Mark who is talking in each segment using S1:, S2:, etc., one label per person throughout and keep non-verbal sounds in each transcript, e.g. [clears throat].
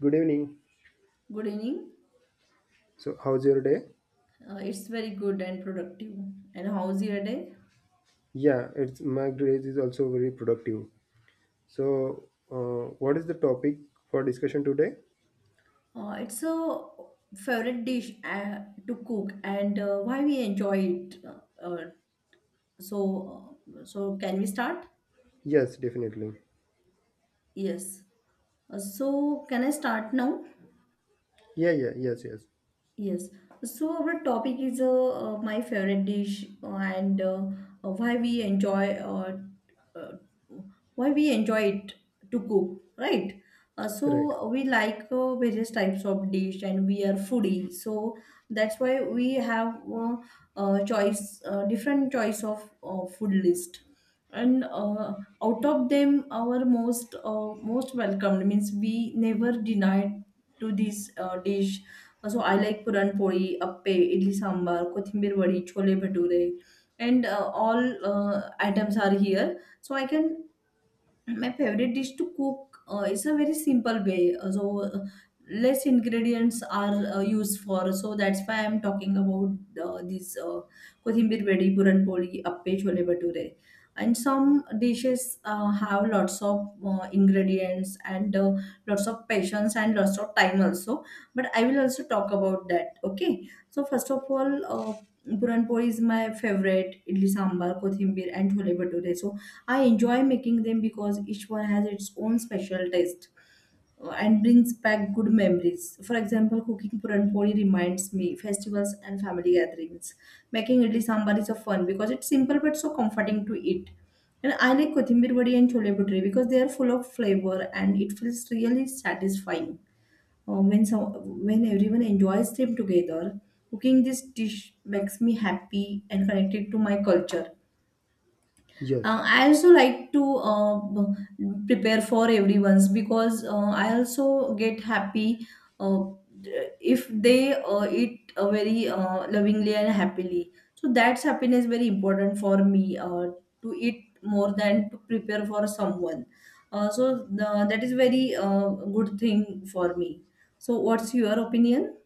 S1: Good evening.
S2: Good evening.
S1: So, how's your day?
S2: It's very good and productive. And how's your day?
S1: Yeah, it's my day is also very productive. So, what is the topic for discussion today?
S2: It's a favorite dish to cook, and why we enjoy it. Can we start?
S1: Yes, definitely.
S2: Yes. Can I start now?
S1: Yeah, yes, yes.
S2: Yes. So our topic is my favorite dish and uh, why we enjoy uh, uh, why we enjoy it to cook, right? Uh,
S1: Right.
S2: so we like various types of dish and we are foodie. So that's why we have choice different choice of food list. And out of them, our most welcomed means we never denied to this dish, so I like puran poli, appe, idli sambar, kothambir vadi, chole bhature, and all items are here. So I can my favorite dish to cook is a very simple way. Less ingredients are used for. So that's why I'm talking about this kothimir vedi, puran poli, appe, chole bhature. And some dishes have lots of ingredients, and lots of patience, and lots of time also. But I will also talk about that. Okay. So first of all, puran poli is my favorite. Idli sambar, kothimir, and chole bhature. So I enjoy making them because each one has its own special taste and brings back good memories. For example, cooking puran poli reminds me festivals and family gatherings. Making idli sambar is a fun because it's simple but so comforting to eat. And I like kothimir vadi and chole bhature because they are full of flavor and it feels really satisfying when everyone enjoys them together. Cooking this dish makes me happy and connected to my culture.
S1: Yes,
S2: I also like to prepare for everyone's because I also get happy uh, if they eat very lovingly and happily. So that's happiness very important for me to eat more than to prepare for someone. That is very good thing for me. So what's your opinion?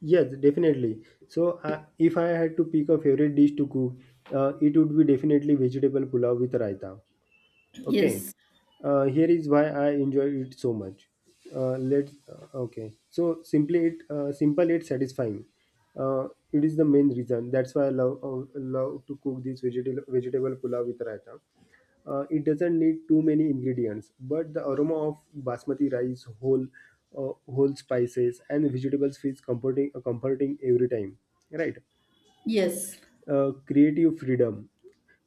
S1: yes, definitely. So, if I had to pick a favorite dish to cook, it would be definitely vegetable pulao with raita. Okay,
S2: Yes,
S1: here is why I enjoy it so much. Let okay. So simply it Simple yet satisfying. Uh, it is the main reason. That's why I love to cook this vegetable pulao with raita. It doesn't need too many ingredients, but the aroma of basmati rice, whole spices, and vegetables feels comforting every time. Right,
S2: yes,
S1: creative freedom.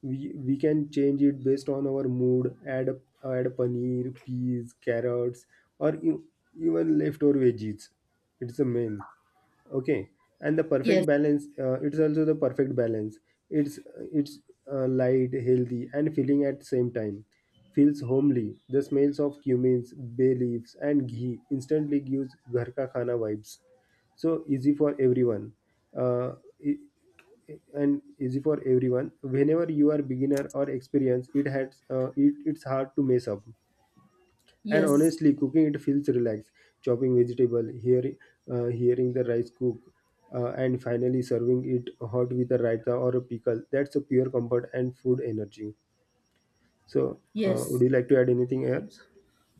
S1: We can change it based on our mood, add paneer, peas, carrots, or even leftover veggies. It's the main, okay. And the
S2: yes,
S1: perfect balance, it's also the perfect balance. It's it's uh, light, healthy, and filling at same time. Feels homely. The smells of cumins, bay leaves, and ghee instantly gives ghar ka khana vibes. So easy for everyone. uh, e, and easy for everyone, whenever you are beginner or experienced. It's hard to mess up. And
S2: yes,
S1: honestly, cooking it feels relaxed. Chopping vegetable, hearing the rice cook, and finally serving it hot with a raita or a pickle, that's a pure comfort and food energy. So, would
S2: yes.
S1: you like to add anything else?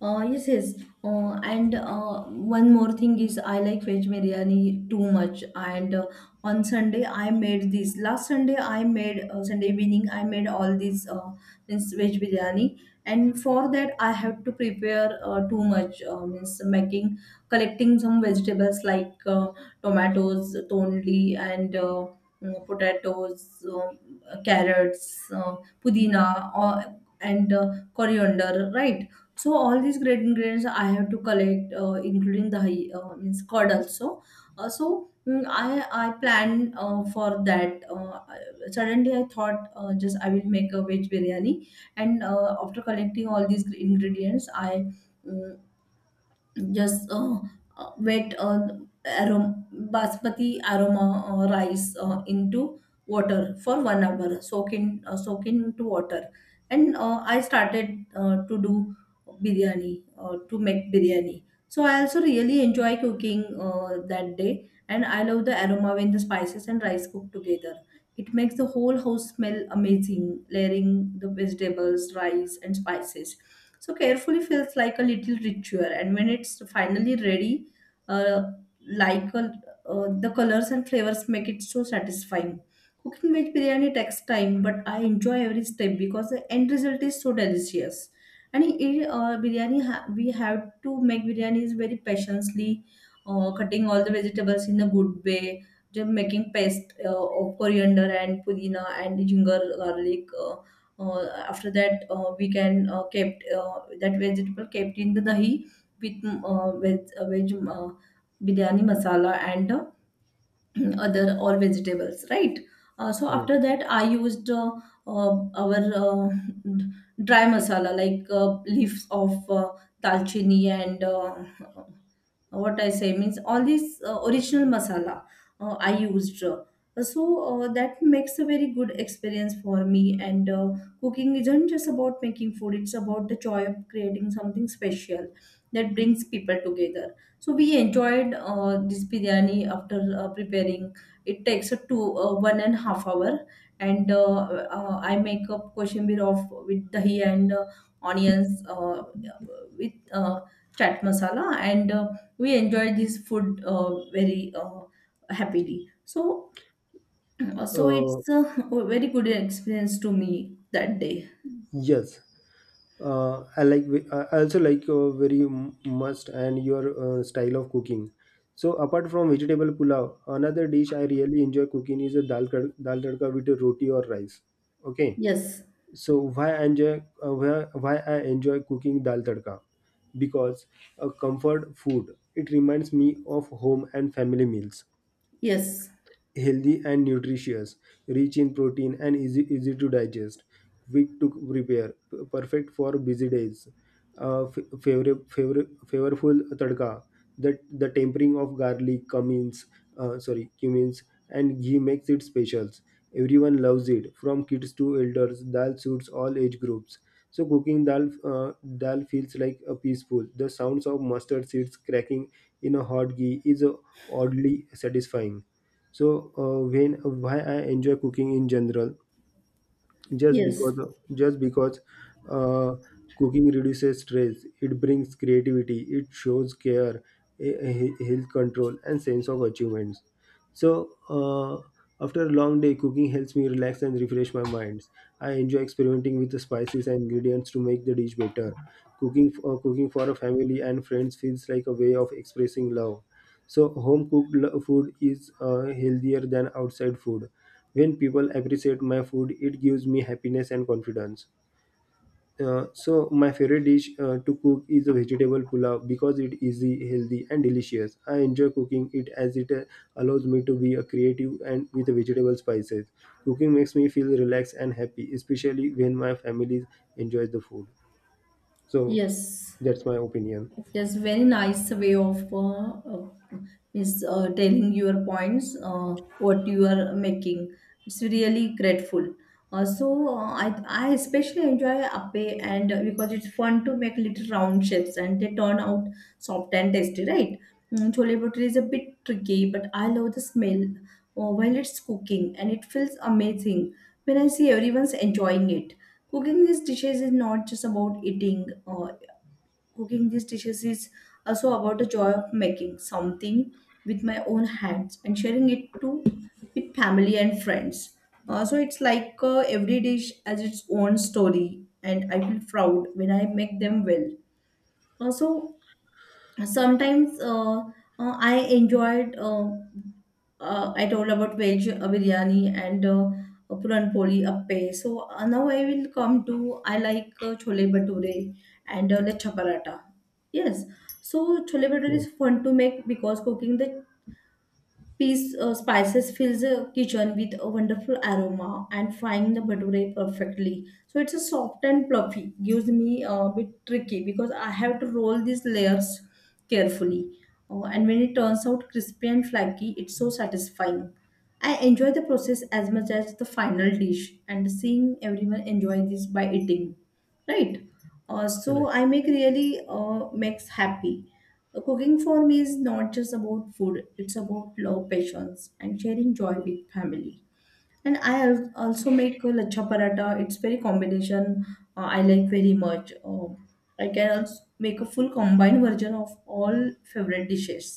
S2: Yes, yes. And one more thing is I like veg biryani too much. And on Sunday I made this. Last Sunday I made Sunday evening I made all this veg biryani. And for that I have to prepare too much. Means making, collecting some vegetables like tomatoes, tondli, and potatoes, carrots, pudina, or and coriander, right? So all these great ingredients I have to collect, including the means curd also. So mm, I plan for that. Suddenly I thought, just I will make a veg biryani, and after collecting all these ingredients, I mm, just wet arom- basmati aroma rice into water for 1 hour, soak into water, and I started to do biryani to make biryani. So I also really enjoy cooking that day, and I love the aroma when the spices and rice cook together. It makes the whole house smell amazing. Layering the vegetables, rice, and spices so carefully feels like a little ritual, and when it's finally ready, uh, like a, the colors and flavors make it so satisfying. Cooking veg biryani takes time, but I enjoy every step because the end result is so delicious. And we have to make biryanis very patiently, cutting all the vegetables in a good way, just making paste of coriander and pudina and ginger garlic. After that we can kept that vegetable kept in the dahi with veg biryani masala and [clears throat] other all vegetables, right? So
S1: Right.
S2: after that I used uh, our d- dry masala like leaves of dalchini, and what I say means all these original masala I used. So that makes a very good experience for me. And cooking isn't just about making food; it's about the joy of creating something special that brings people together. So we enjoyed this biryani after preparing. It takes a two 1.5 hour, and I make up koshimbir of with dahi and onions with uh, chaat masala, and we enjoyed this food very happily. So, [clears throat] so
S1: uh,
S2: it's a very good experience to me that day.
S1: yes I like I also like very much, and your style of cooking. So apart from vegetable pulao, another dish I really enjoy cooking is a dal tadka with a roti or rice. Okay,
S2: Yes,
S1: so why I enjoy cooking dal tadka? Because a comfort food. It reminds me of home and family meals.
S2: yes,
S1: Healthy and nutritious, rich in protein and easy to digest, quick to prepare, perfect for busy days. Favorable tadka. The tempering of garlic, cumins, and ghee makes it special. Everyone loves it, from kids to elders. Dal suits all age groups. So cooking dal feels like a peaceful. The sounds of mustard seeds cracking in a hot ghee is oddly satisfying. So when why I enjoy cooking in general, just
S2: yes,
S1: because just because uh, cooking reduces stress, it brings creativity, it shows care, health control, and sense of achievements. So, after a long day, cooking helps me relax and refresh my mind. I enjoy experimenting with the spices and ingredients to make the dish better. Cooking for a family and friends feels like a way of expressing love. So home cooked food is healthier than outside food. When people appreciate my food, it gives me happiness and confidence. So my favorite dish to cook is a vegetable pulao because it is easy, healthy, and delicious. I enjoy cooking it as it allows me to be a creative and with vegetable spices. Cooking makes me feel relaxed and happy, especially when my family enjoys the food. So
S2: yes.
S1: that's my opinion.
S2: Yes, very nice way of uh, is telling your points, what you are making. It's really grateful. So I especially enjoy appe and because it's fun to make little round shapes and they turn out soft and tasty, right? Mm, chole bhature is a bit tricky, but I love the smell while it's cooking, and it feels amazing when I see everyone's enjoying it. Cooking these dishes is not just about eating. Cooking these dishes is also about the joy of making something with my own hands and sharing it to with family and friends. So it's like every dish has its own story, and I feel proud when I make them well. Also, sometimes I enjoyed. I told about veg biryani and puran poli appe. So now I will come to I like chole bhature and lechha paratha. Yes, so chole bhature
S1: Yeah.
S2: is fun to make because cooking the Peace spices fills the kitchen with a wonderful aroma and frying the bhature perfectly. So it's a soft and fluffy. Gives me a bit tricky because I have to roll these layers carefully. And when it turns out crispy and flaky, it's so satisfying. I enjoy the process as much as the final dish and seeing everyone enjoy this by eating, right? So
S1: Right.
S2: I make really uh, makes happy. Cooking for me is not just about food, it's about love, patience, and sharing joy with family. And I also make a lachha paratha, it's very combination, I like very much. I can also make a full combined version of all favorite dishes.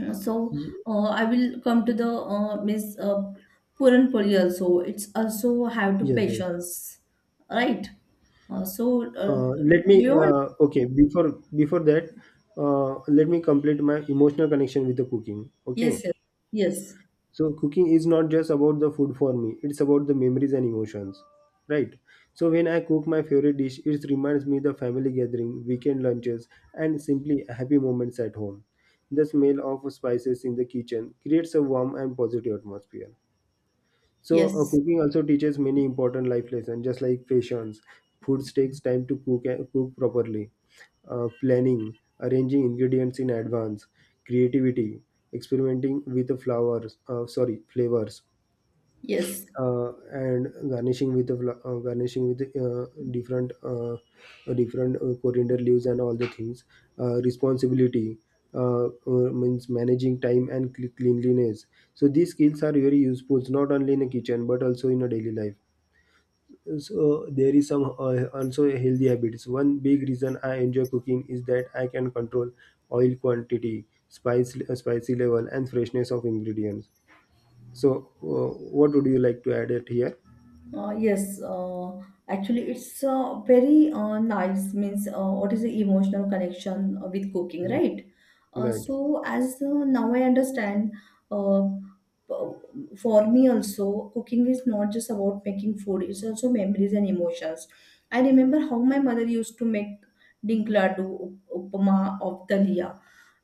S2: uh, so
S1: Ye-
S2: I will come to the Miss Puranpoli also. It's also have to
S1: yes, yes.
S2: patience, right? Uh, so uh,
S1: Let me
S2: you want-
S1: okay before before that, let me complete my emotional connection with the cooking, okay?
S2: yes, yes, yes,
S1: So cooking is not just about the food for me. It's about the memories and emotions, right? So when I cook my favorite dish, it reminds me the family gathering, weekend lunches, and simply happy moments at home. The smell of spices in the kitchen creates a warm and positive atmosphere. So
S2: yes,
S1: cooking also teaches many important life lessons, just like patience. Foods takes time to cook cook properly. Planning, arranging ingredients in advance, creativity, experimenting with the flavors,
S2: yes.
S1: uh, and garnishing with the garnishing with different uh, different coriander leaves and all the things, responsibility, means managing time and cleanliness. So these skills are very useful not only in a kitchen but also in a daily life. So there is some, also healthy habits. One big reason I enjoy cooking is that I can control oil quantity, spice spicy level, and freshness of ingredients. So, what would you like to add it here?
S2: Yes, actually, it's very nice. Means, what is the emotional connection with cooking,
S1: Hmm.
S2: right?
S1: Right.
S2: So, as now I understand, uh, uh, for me also, cooking is not just about making food; it's also memories and emotions. I remember how my mother used to make dinkladu, upma of dalia,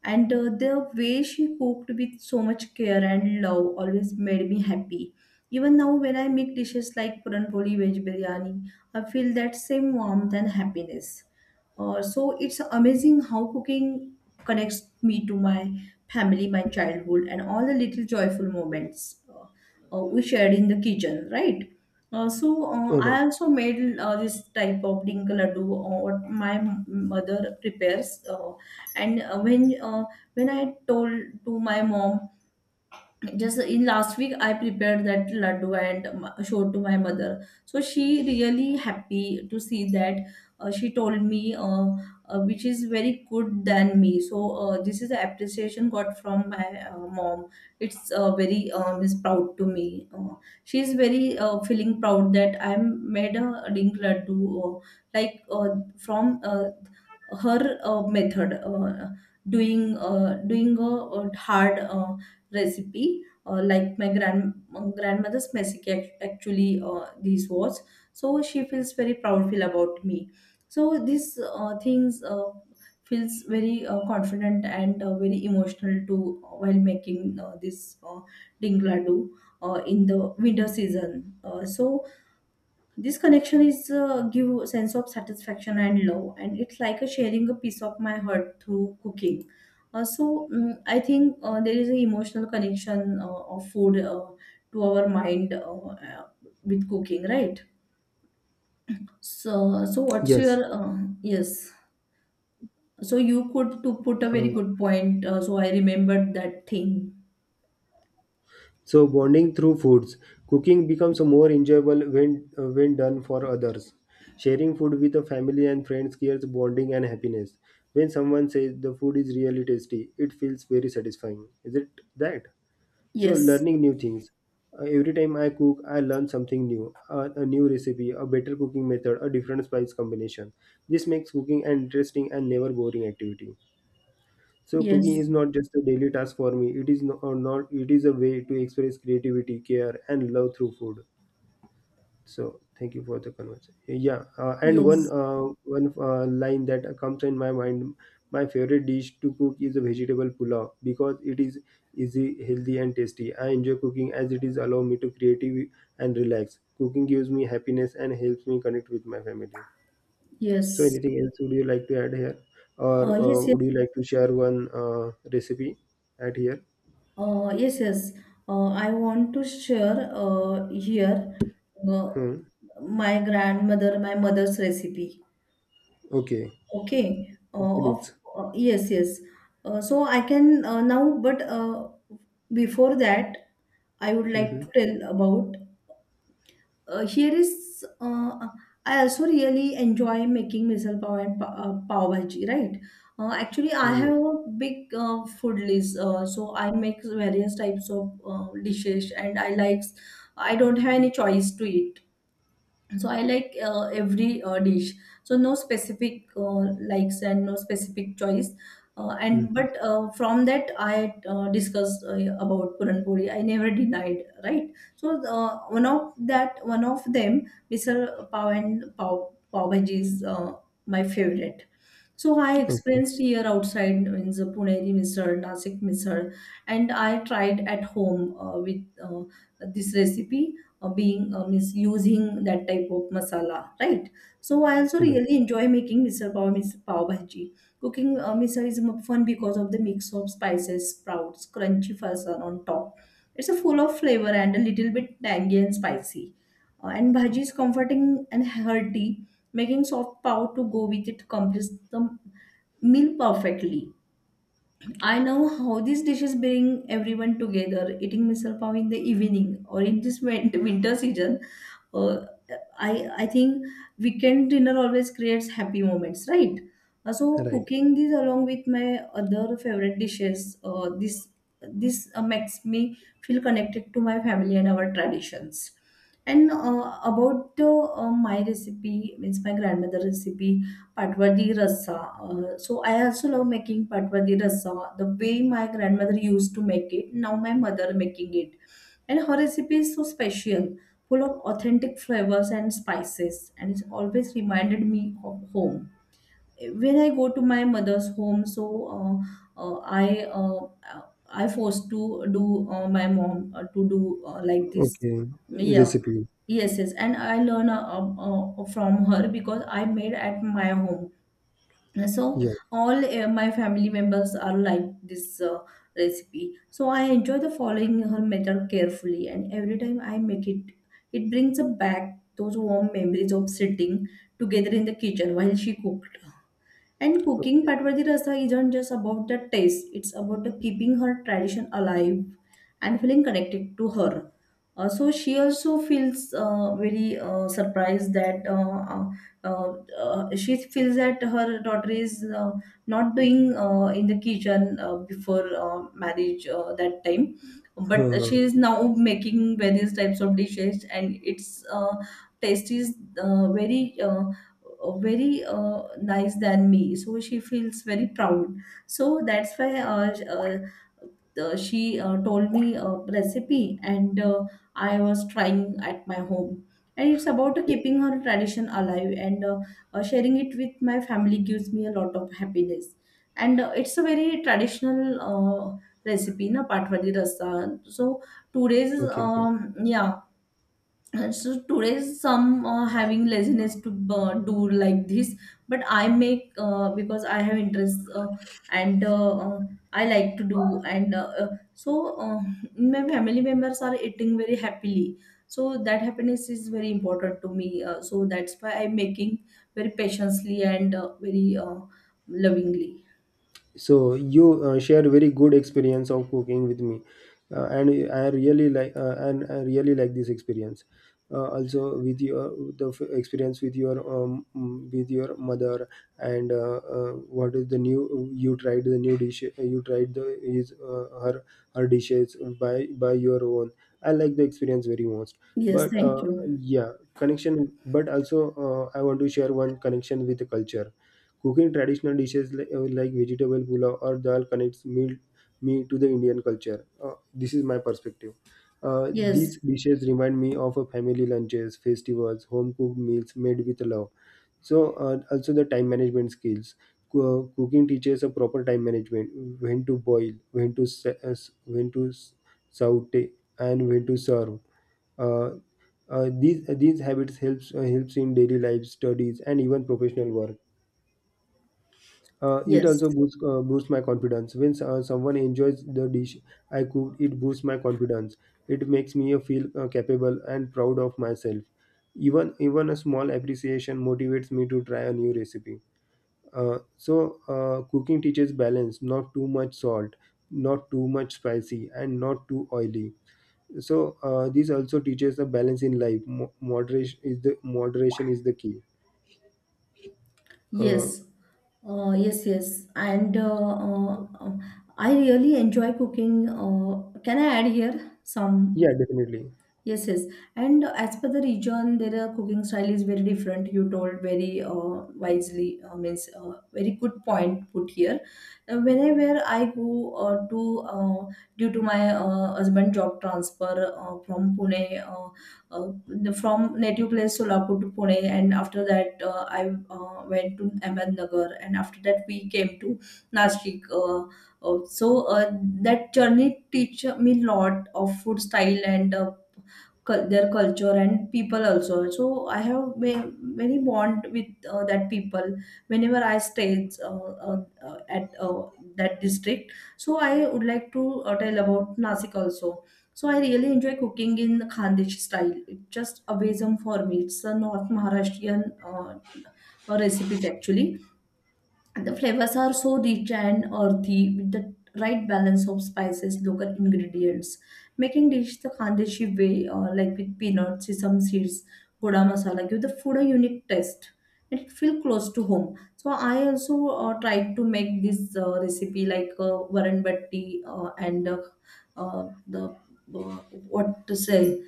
S2: and the way she cooked with so much care and love always made me happy. Even now, when I make dishes like puran poli, veg biryani, I feel that same warmth and happiness. So it's amazing how cooking connects me to my family, my childhood, and all the little joyful moments we shared in the kitchen, right?
S1: Right.
S2: I also made this type of dinka laddu, what my mother prepares, and when I told to my mom just in last week, I prepared that laddu and showed to my mother, so she really happy to see that. She told me which is very good than me. So this is the appreciation got from my mom. It's very is proud to me. uh, she is very feeling proud that I made a link laddu, uh, like from her method, doing a hard recipe like my grandmother's message. Actually this was so she feels very proudful about me. So these things feels very confident and very emotional too while making this ding ladu in the winter season. This connection is give a sense of satisfaction and love, and it's like a sharing a piece of my heart through cooking. I think there is an emotional connection of food to our mind with cooking, right? What's your
S1: Yes.
S2: yes? So you could to put a very
S1: Uh,
S2: good point. So I remembered that thing.
S1: so bonding through foods, cooking becomes more enjoyable when done for others. Sharing food with the family and friends creates bonding and happiness. When someone says the food is really tasty, it feels very satisfying. Is it that? So
S2: Yes,
S1: learning new things. Every time I cook, I learn something new, a new recipe, a better cooking method, a different spice combination. This makes cooking an interesting and never boring activity. So cooking is
S2: yes,
S1: not just a daily task for me. It is no, or not it is a way to express creativity, care, and love through food. So thank you for the conversation. Yeah, and one
S2: yes,
S1: one line that comes in my mind. My favorite dish to cook is a vegetable pulao because it is easy, healthy, and tasty. I enjoy cooking as it is allow me to creative and relax. Cooking gives me happiness and helps me connect with my family. So
S2: yes.
S1: anything else would you like to add here, or
S2: Yes, yes.
S1: would you like to share one recipe at here?
S2: Yes, yes. I want to share here uh,
S1: Hmm.
S2: my grandmother, my mother's recipe.
S1: Okay.
S2: Okay. Of
S1: Please.
S2: Yes, yes. So I can now, but before that, I would like
S1: Mm-hmm.
S2: to tell about here is I also really enjoy making misal pav and pav bhaji, right? Actually, I have
S1: Yes.
S2: a big food list, so I make various types of dishes, and I likes I don't have any choice to eat so I like every dish, so no specific likes and no specific choice, and
S1: Mm-hmm.
S2: but from that I discussed, about puran puri I never denied, right? So one of that, one of them, mr pav and pav bhaji is my favorite. So I
S1: Okay.
S2: experienced here outside in the Puneri misal, Nasik misal, and I tried at home with this recipe, being means using that type of masala, right? So I also
S1: Right.
S2: really enjoy making misal pav bhaji. Cooking misal is fun because of the mix of spices, sprouts, crunchy fasan on top. It's a full of flavor and a little bit tangy and spicy. And bhaji is comforting and hearty. Making soft pav to go with it completes the meal perfectly. I know how these dishes bring everyone together. Eating misal pav in the evening or in this winter season, uh, I think weekend dinner always creates happy moments, right? So
S1: Right.
S2: cooking this along with my other favorite dishes, this makes me feel connected to my family and our traditions. And about my recipe, means my grandmother recipe, patwadi rasa. So I also love making patwadi rasa. The way my grandmother used to make it, now my mother making it, and her recipe is so special, full of authentic flavors and spices, and it's always reminded me of home when I go to my mother's home. So uh, uh, i uh, uh, I forced to do, my mom, to do like this.
S1: Okay.
S2: Yeah,
S1: Recipe.
S2: yes, yes, and I learn, from her, because I made at my home. So
S1: Yes.
S2: all my family members are like this recipe, so I enjoy the following her method carefully, and every time I make it, it brings back those warm memories of sitting together in the kitchen while she cooked. And cooking
S1: Okay.
S2: Patwadi Rasa isn't just about the taste, it's about the keeping her tradition alive and feeling connected to her. So she also feels very surprised that uh, she feels that her daughter is not doing in the kitchen before marriage that time. But
S1: Uh,
S2: she is now making various types of dishes, and its taste is very very nice than me, so she feels very proud. So that's why she told me a recipe, and I was trying at my home, and it's about
S1: yeah.
S2: keeping her tradition alive and sharing it with my family gives me a lot of happiness. And it's a very traditional uh, recipe na patwadi rasa. So today's days,
S1: Okay. Okay.
S2: yeah, so today some are having laziness to do like this, but I make because I have interest, and I like to do, and so [laughs] my family members are eating very happily, so that happiness is very important to me. So that's why I'm making very patiently and very lovingly.
S1: So you shared very good experience of cooking with me, and I really like and I really like this experience, also with your experience with your with your mother, and what is the new you tried, the new dish you tried, the is her dishes by your own. I like the experience very much.
S2: Yes,
S1: But
S2: thank you.
S1: connection, but also I want to share one connection with the culture. Cooking traditional dishes, like vegetable pulao or dal, me to the Indian culture. This is my perspective.
S2: Yes,
S1: These dishes remind me of a family lunches, festivals, home cooked meals made with love. So, also the time management skills. Cooking teaches a proper time management: when to boil, when to saute, and when to serve. Uh, these habits helps in daily life, studies, and even professional work. It
S2: yes,
S1: also boosts my confidence. When someone enjoys the dish I cooked, it boosts my confidence. It makes me feel capable and proud of myself. Even a small appreciation motivates me to try a new recipe. So cooking teaches balance, not too much salt, not too much spicy, and not too oily. So this also teaches a balance in life. Moderation is the key.
S2: yes.
S1: Uh,
S2: Yes, yes, and I really enjoy cooking. Can I add here some?
S1: yeah, definitely.
S2: Yes, yes. And as per the region, their cooking style is very different. You told very wisely, means very good point put here. Whenever I go to due to my husband job transfer from Pune, from native place Solapur to Pune, and after that I went to Ahmednagar, and after that we came to Nashik. Uh, so uh, that journey teach me lot of food style and their culture and people also. So I very bond with that people, whenever I stay uh, uh, at that district. So I would like to tell about nasik also. So I really enjoy cooking in khandesh style, it's just a amazing for me, it's a north maharashtrian uh, recipes actually. The flavors are so rich and earthy with the right balance of spices, local ingredients. Making dish the Khandeshi way, or like with peanuts, sesame seeds, goda masala, give the food a unique taste, and it feel close to home. So I also tried to make this recipe like varan batti, and the uh, what to say,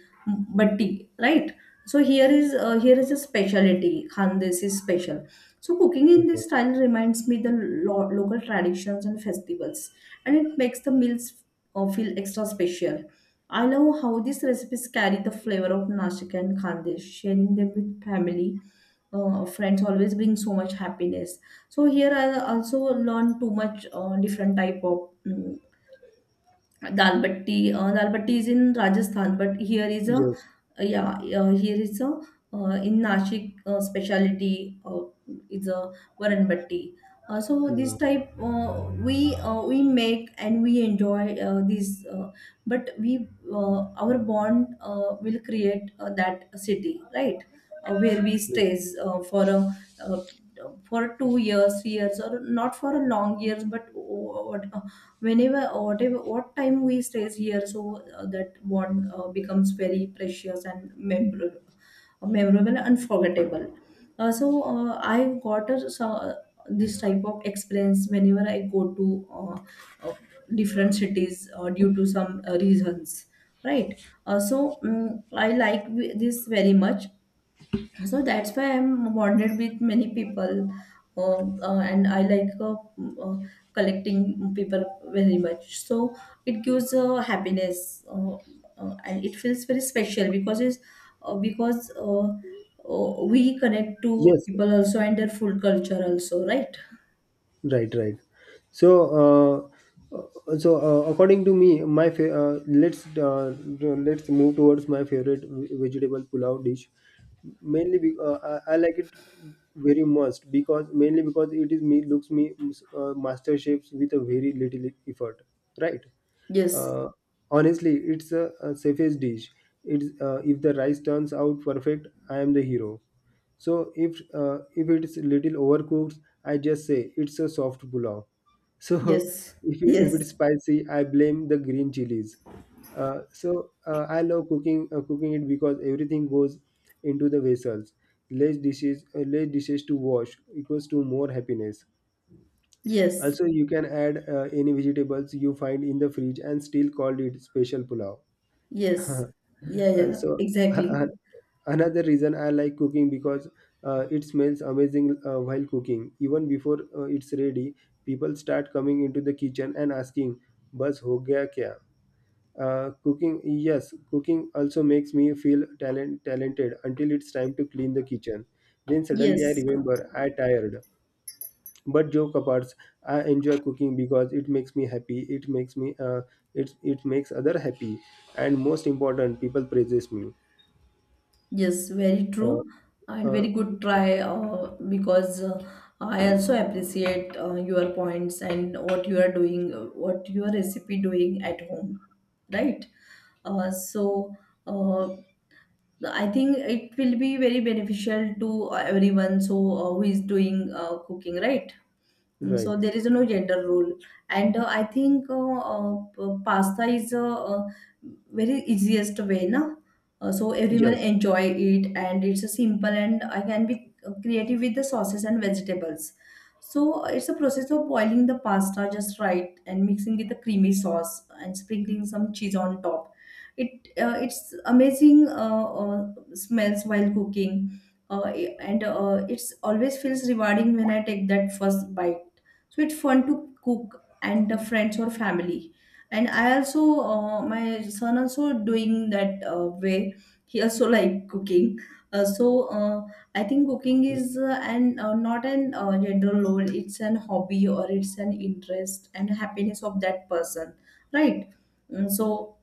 S2: batti, right? So here is a specialty, Khandesi special. So cooking in this
S1: Okay.
S2: style reminds me the local traditions and festivals, and it makes the meals feel extra special. I love how these recipes carry the flavor of Nashik and Khandesh. Sharing them with family, friends, always bring so much happiness. So here I also learn too much different type of mm dal batti. Dal batti is in Rajasthan, but here is a
S1: Yes.
S2: yeah, here is a in Nashik specialty is a varan batti. So this
S1: Yeah.
S2: type we make and we enjoy these, but we our bond will create that city, right? Where we stays for a. Uh, for 2 years, 3 years, or not for a long years, but whenever or whatever what time we stays here, so that bond becomes very precious and memorable, memorable and forgettable. I got a, so, this type of experience whenever I go to uh, uh, different cities due to some reasons, right? So mm, I this very much, so that's why I'm bonded with many people. And I like uh, collecting people very much, so it gives happiness, and it feels very special because it's because we connect to
S1: Yes,
S2: people also and their full culture also, right?
S1: right, right. So, according to me, my let's move towards my favorite vegetable pulao dish. Mainly, I like it very much because mainly because it is me looks me, master shapes with a very little effort, right?
S2: Yes,
S1: Uh, honestly, a safest dish. It's if the rice turns out perfect, I am the hero. So if it's little overcooked, I just say it's a soft pulao. So
S2: yes,
S1: [laughs] if it's
S2: yes,
S1: spicy, I blame the green chilies. So I love cooking it because everything goes into the vessels. Less dishes to wash equals to more happiness.
S2: yes,
S1: Also, you can add any vegetables you find in the fridge and still call it special pulao.
S2: yes.
S1: [laughs]
S2: Yeah, yeah,
S1: So,
S2: exactly.
S1: uh, another reason I like cooking because it smells amazing while cooking. Even before it's ready, people start coming into the kitchen and asking, "Bas ho gaya kya?" Cooking, yes, cooking also makes me feel talented until it's time to clean the kitchen. Then suddenly I
S2: Yes.
S1: remember I tired, but joke apart, I enjoy cooking because it makes me happy, it makes me it it makes other happy, and most important, people praises me.
S2: Yes, very
S1: uh,
S2: true, and
S1: uh,
S2: very good try, because I also appreciate your points and what you are doing, what your recipe doing at home, right? Uh, so uh, I think it will be very beneficial to everyone, so who is doing cooking, right? Mm, so
S1: right.
S2: there is no gender rule, and I think pasta is a very easiest way, na. So everyone
S1: Yes,
S2: enjoy it, and it's a simple, and I can be creative with the sauces and vegetables. So it's a process of boiling the pasta just right and mixing with the creamy sauce and sprinkling some cheese on top. It it's amazing smells while cooking, uh, and it's always feels rewarding when I take that first bite, so it's fun to cook and the friends or family. And I also my son also doing that way, he also [laughs] like cooking. uh, so uh, I think cooking is an not an general role, it's an hobby, or it's an interest and happiness of that person, right? Mm, so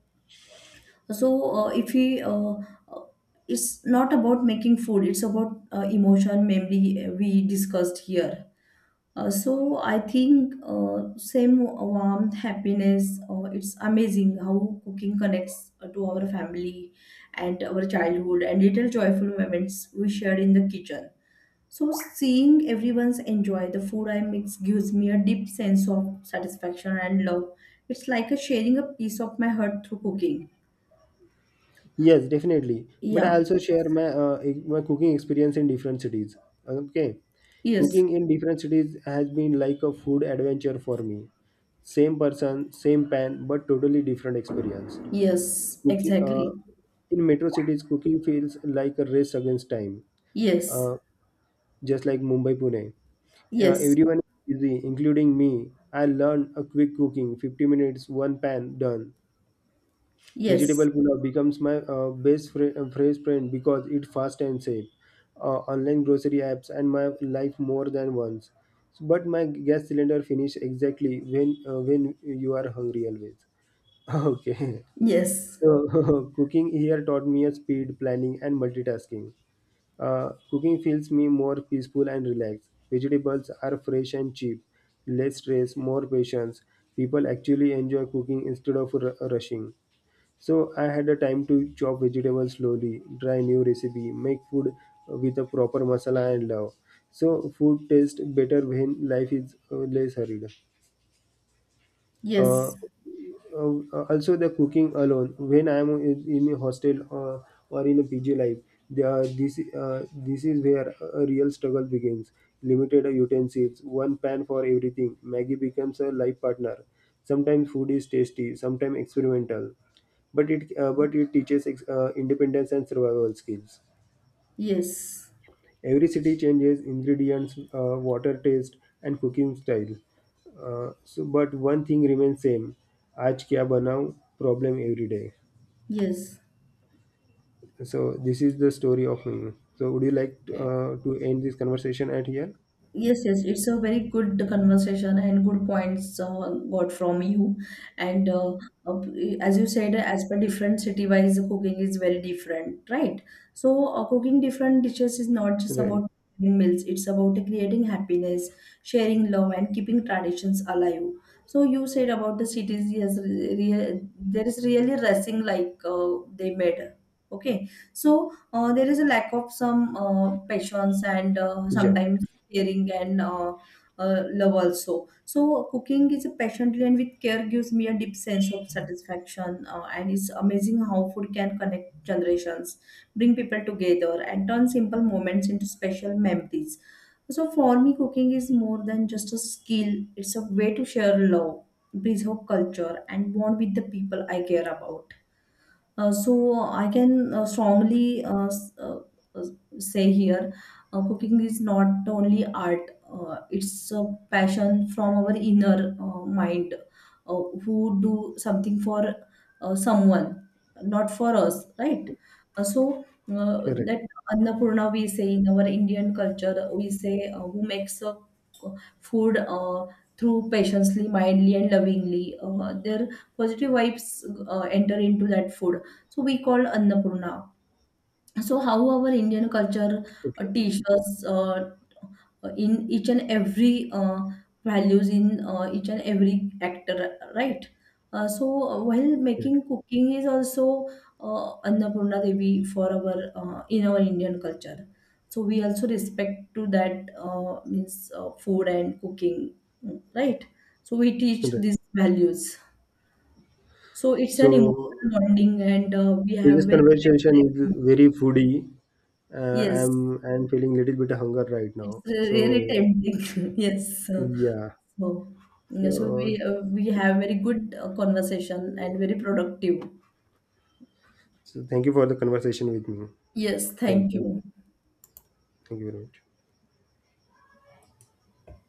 S2: so if we uh, it's not about making food, it's about emotion memory we discussed here. So I think same warmth, happiness. It's amazing how cooking connects to our family and our childhood and little joyful moments we shared in the kitchen. So seeing everyone's enjoy the food I mix gives me a deep sense of satisfaction and love. It's like a sharing a piece of my heart through cooking.
S1: yes, definitely. But
S2: Yeah.
S1: I also share my my cooking experience in different cities, okay.
S2: Yes.
S1: Cooking in different cities has been like a food adventure for me. Same person, same pan, but totally different experience.
S2: Yes.
S1: Cooking
S2: Exactly.
S1: in metro cities, cooking feels like a race against time.
S2: Yes.
S1: Uh, just like Mumbai, Pune.
S2: Yes.
S1: Everyone is busy, including me. I learned a quick cooking, 50 minutes, one pan, done.
S2: Yes.
S1: Vegetable pulao becomes my phrase friend because it's fast and safe. Online grocery apps and my life more than once. But my gas cylinder finish exactly when you are hungry always. [laughs] Okay.
S2: Yes.
S1: So, [laughs] cooking here taught me a speed, planning, and multitasking. Cooking feels me more peaceful and relaxed. Vegetables are fresh and cheap, less stress, more patience. People actually enjoy cooking instead of rushing. So, I had a time to chop vegetables slowly, try new recipe, make food with a proper masala and love. So, food tastes better when life is less hurried.
S2: Yes.
S1: Also the cooking alone when I am in a hostel, or in a pg life, they are, this this is where a real struggle begins. Limited utensils, one pan for everything, maggie becomes a life partner. Sometimes food is tasty, sometimes experimental, but it teaches independence and survival skills.
S2: Yes.
S1: Every city changes ingredients, water taste, and cooking style. So, but one thing remains same. Aaj kya banao? Problem every day.
S2: Yes,
S1: So this is the story of me. So would you like
S2: uh,
S1: to end this conversation at here?
S2: yes, yes, it's a very good conversation and good points got from you. And uh, as you said, as per different city-wise, cooking is very different, right? So, cooking different dishes is not just
S1: Right.
S2: about preparing meals; it's about creating happiness, sharing love, and keeping traditions alive. So, you said about the cities, yes, real, there is really racing like they made. Okay, so there is a lack of some passions and
S1: Yeah.
S2: sometimes caring and love also. So cooking is a passionately and with care gives me a deep sense of satisfaction. And it's amazing how food can connect generations, bring people together, and turn simple moments into special memories. So for me, cooking is more than just a skill. It's a way to share love, preserve culture, and bond with the people I care about. So I can strongly s- uh, say here, cooking is not only art; it's a passion from our inner mind, uh, who do something for someone, not for us, right? So
S1: Right.
S2: that Annapurna we say in our Indian culture, we say who makes a uh, food through patiently, mildly, and lovingly. Their positive vibes enter into that food, so we call Annapurna. So how our Indian culture
S1: Okay.
S2: teaches in each and every values in each and every actor, right? So while
S1: Right.
S2: making cooking is also Annapurna Devi for our in our Indian culture. So we also respect to that means food and cooking, right? So we teach
S1: Right.
S2: these values. So it's an emotional
S1: So
S2: bonding, and we have
S1: this
S2: very great
S1: conversation
S2: sense
S1: is
S2: of.
S1: very foodie.
S2: Yes,
S1: I'm feeling a little bit hunger right
S2: it's
S1: now.
S2: really
S1: So
S2: tempting. [laughs] Yes.
S1: yeah.
S2: So, yeah, so we
S1: So
S2: uh, we have very good conversation and very productive.
S1: so thank you for the conversation with me.
S2: Yes,
S1: Thank
S2: thank
S1: you.
S2: you.
S1: Thank you very much.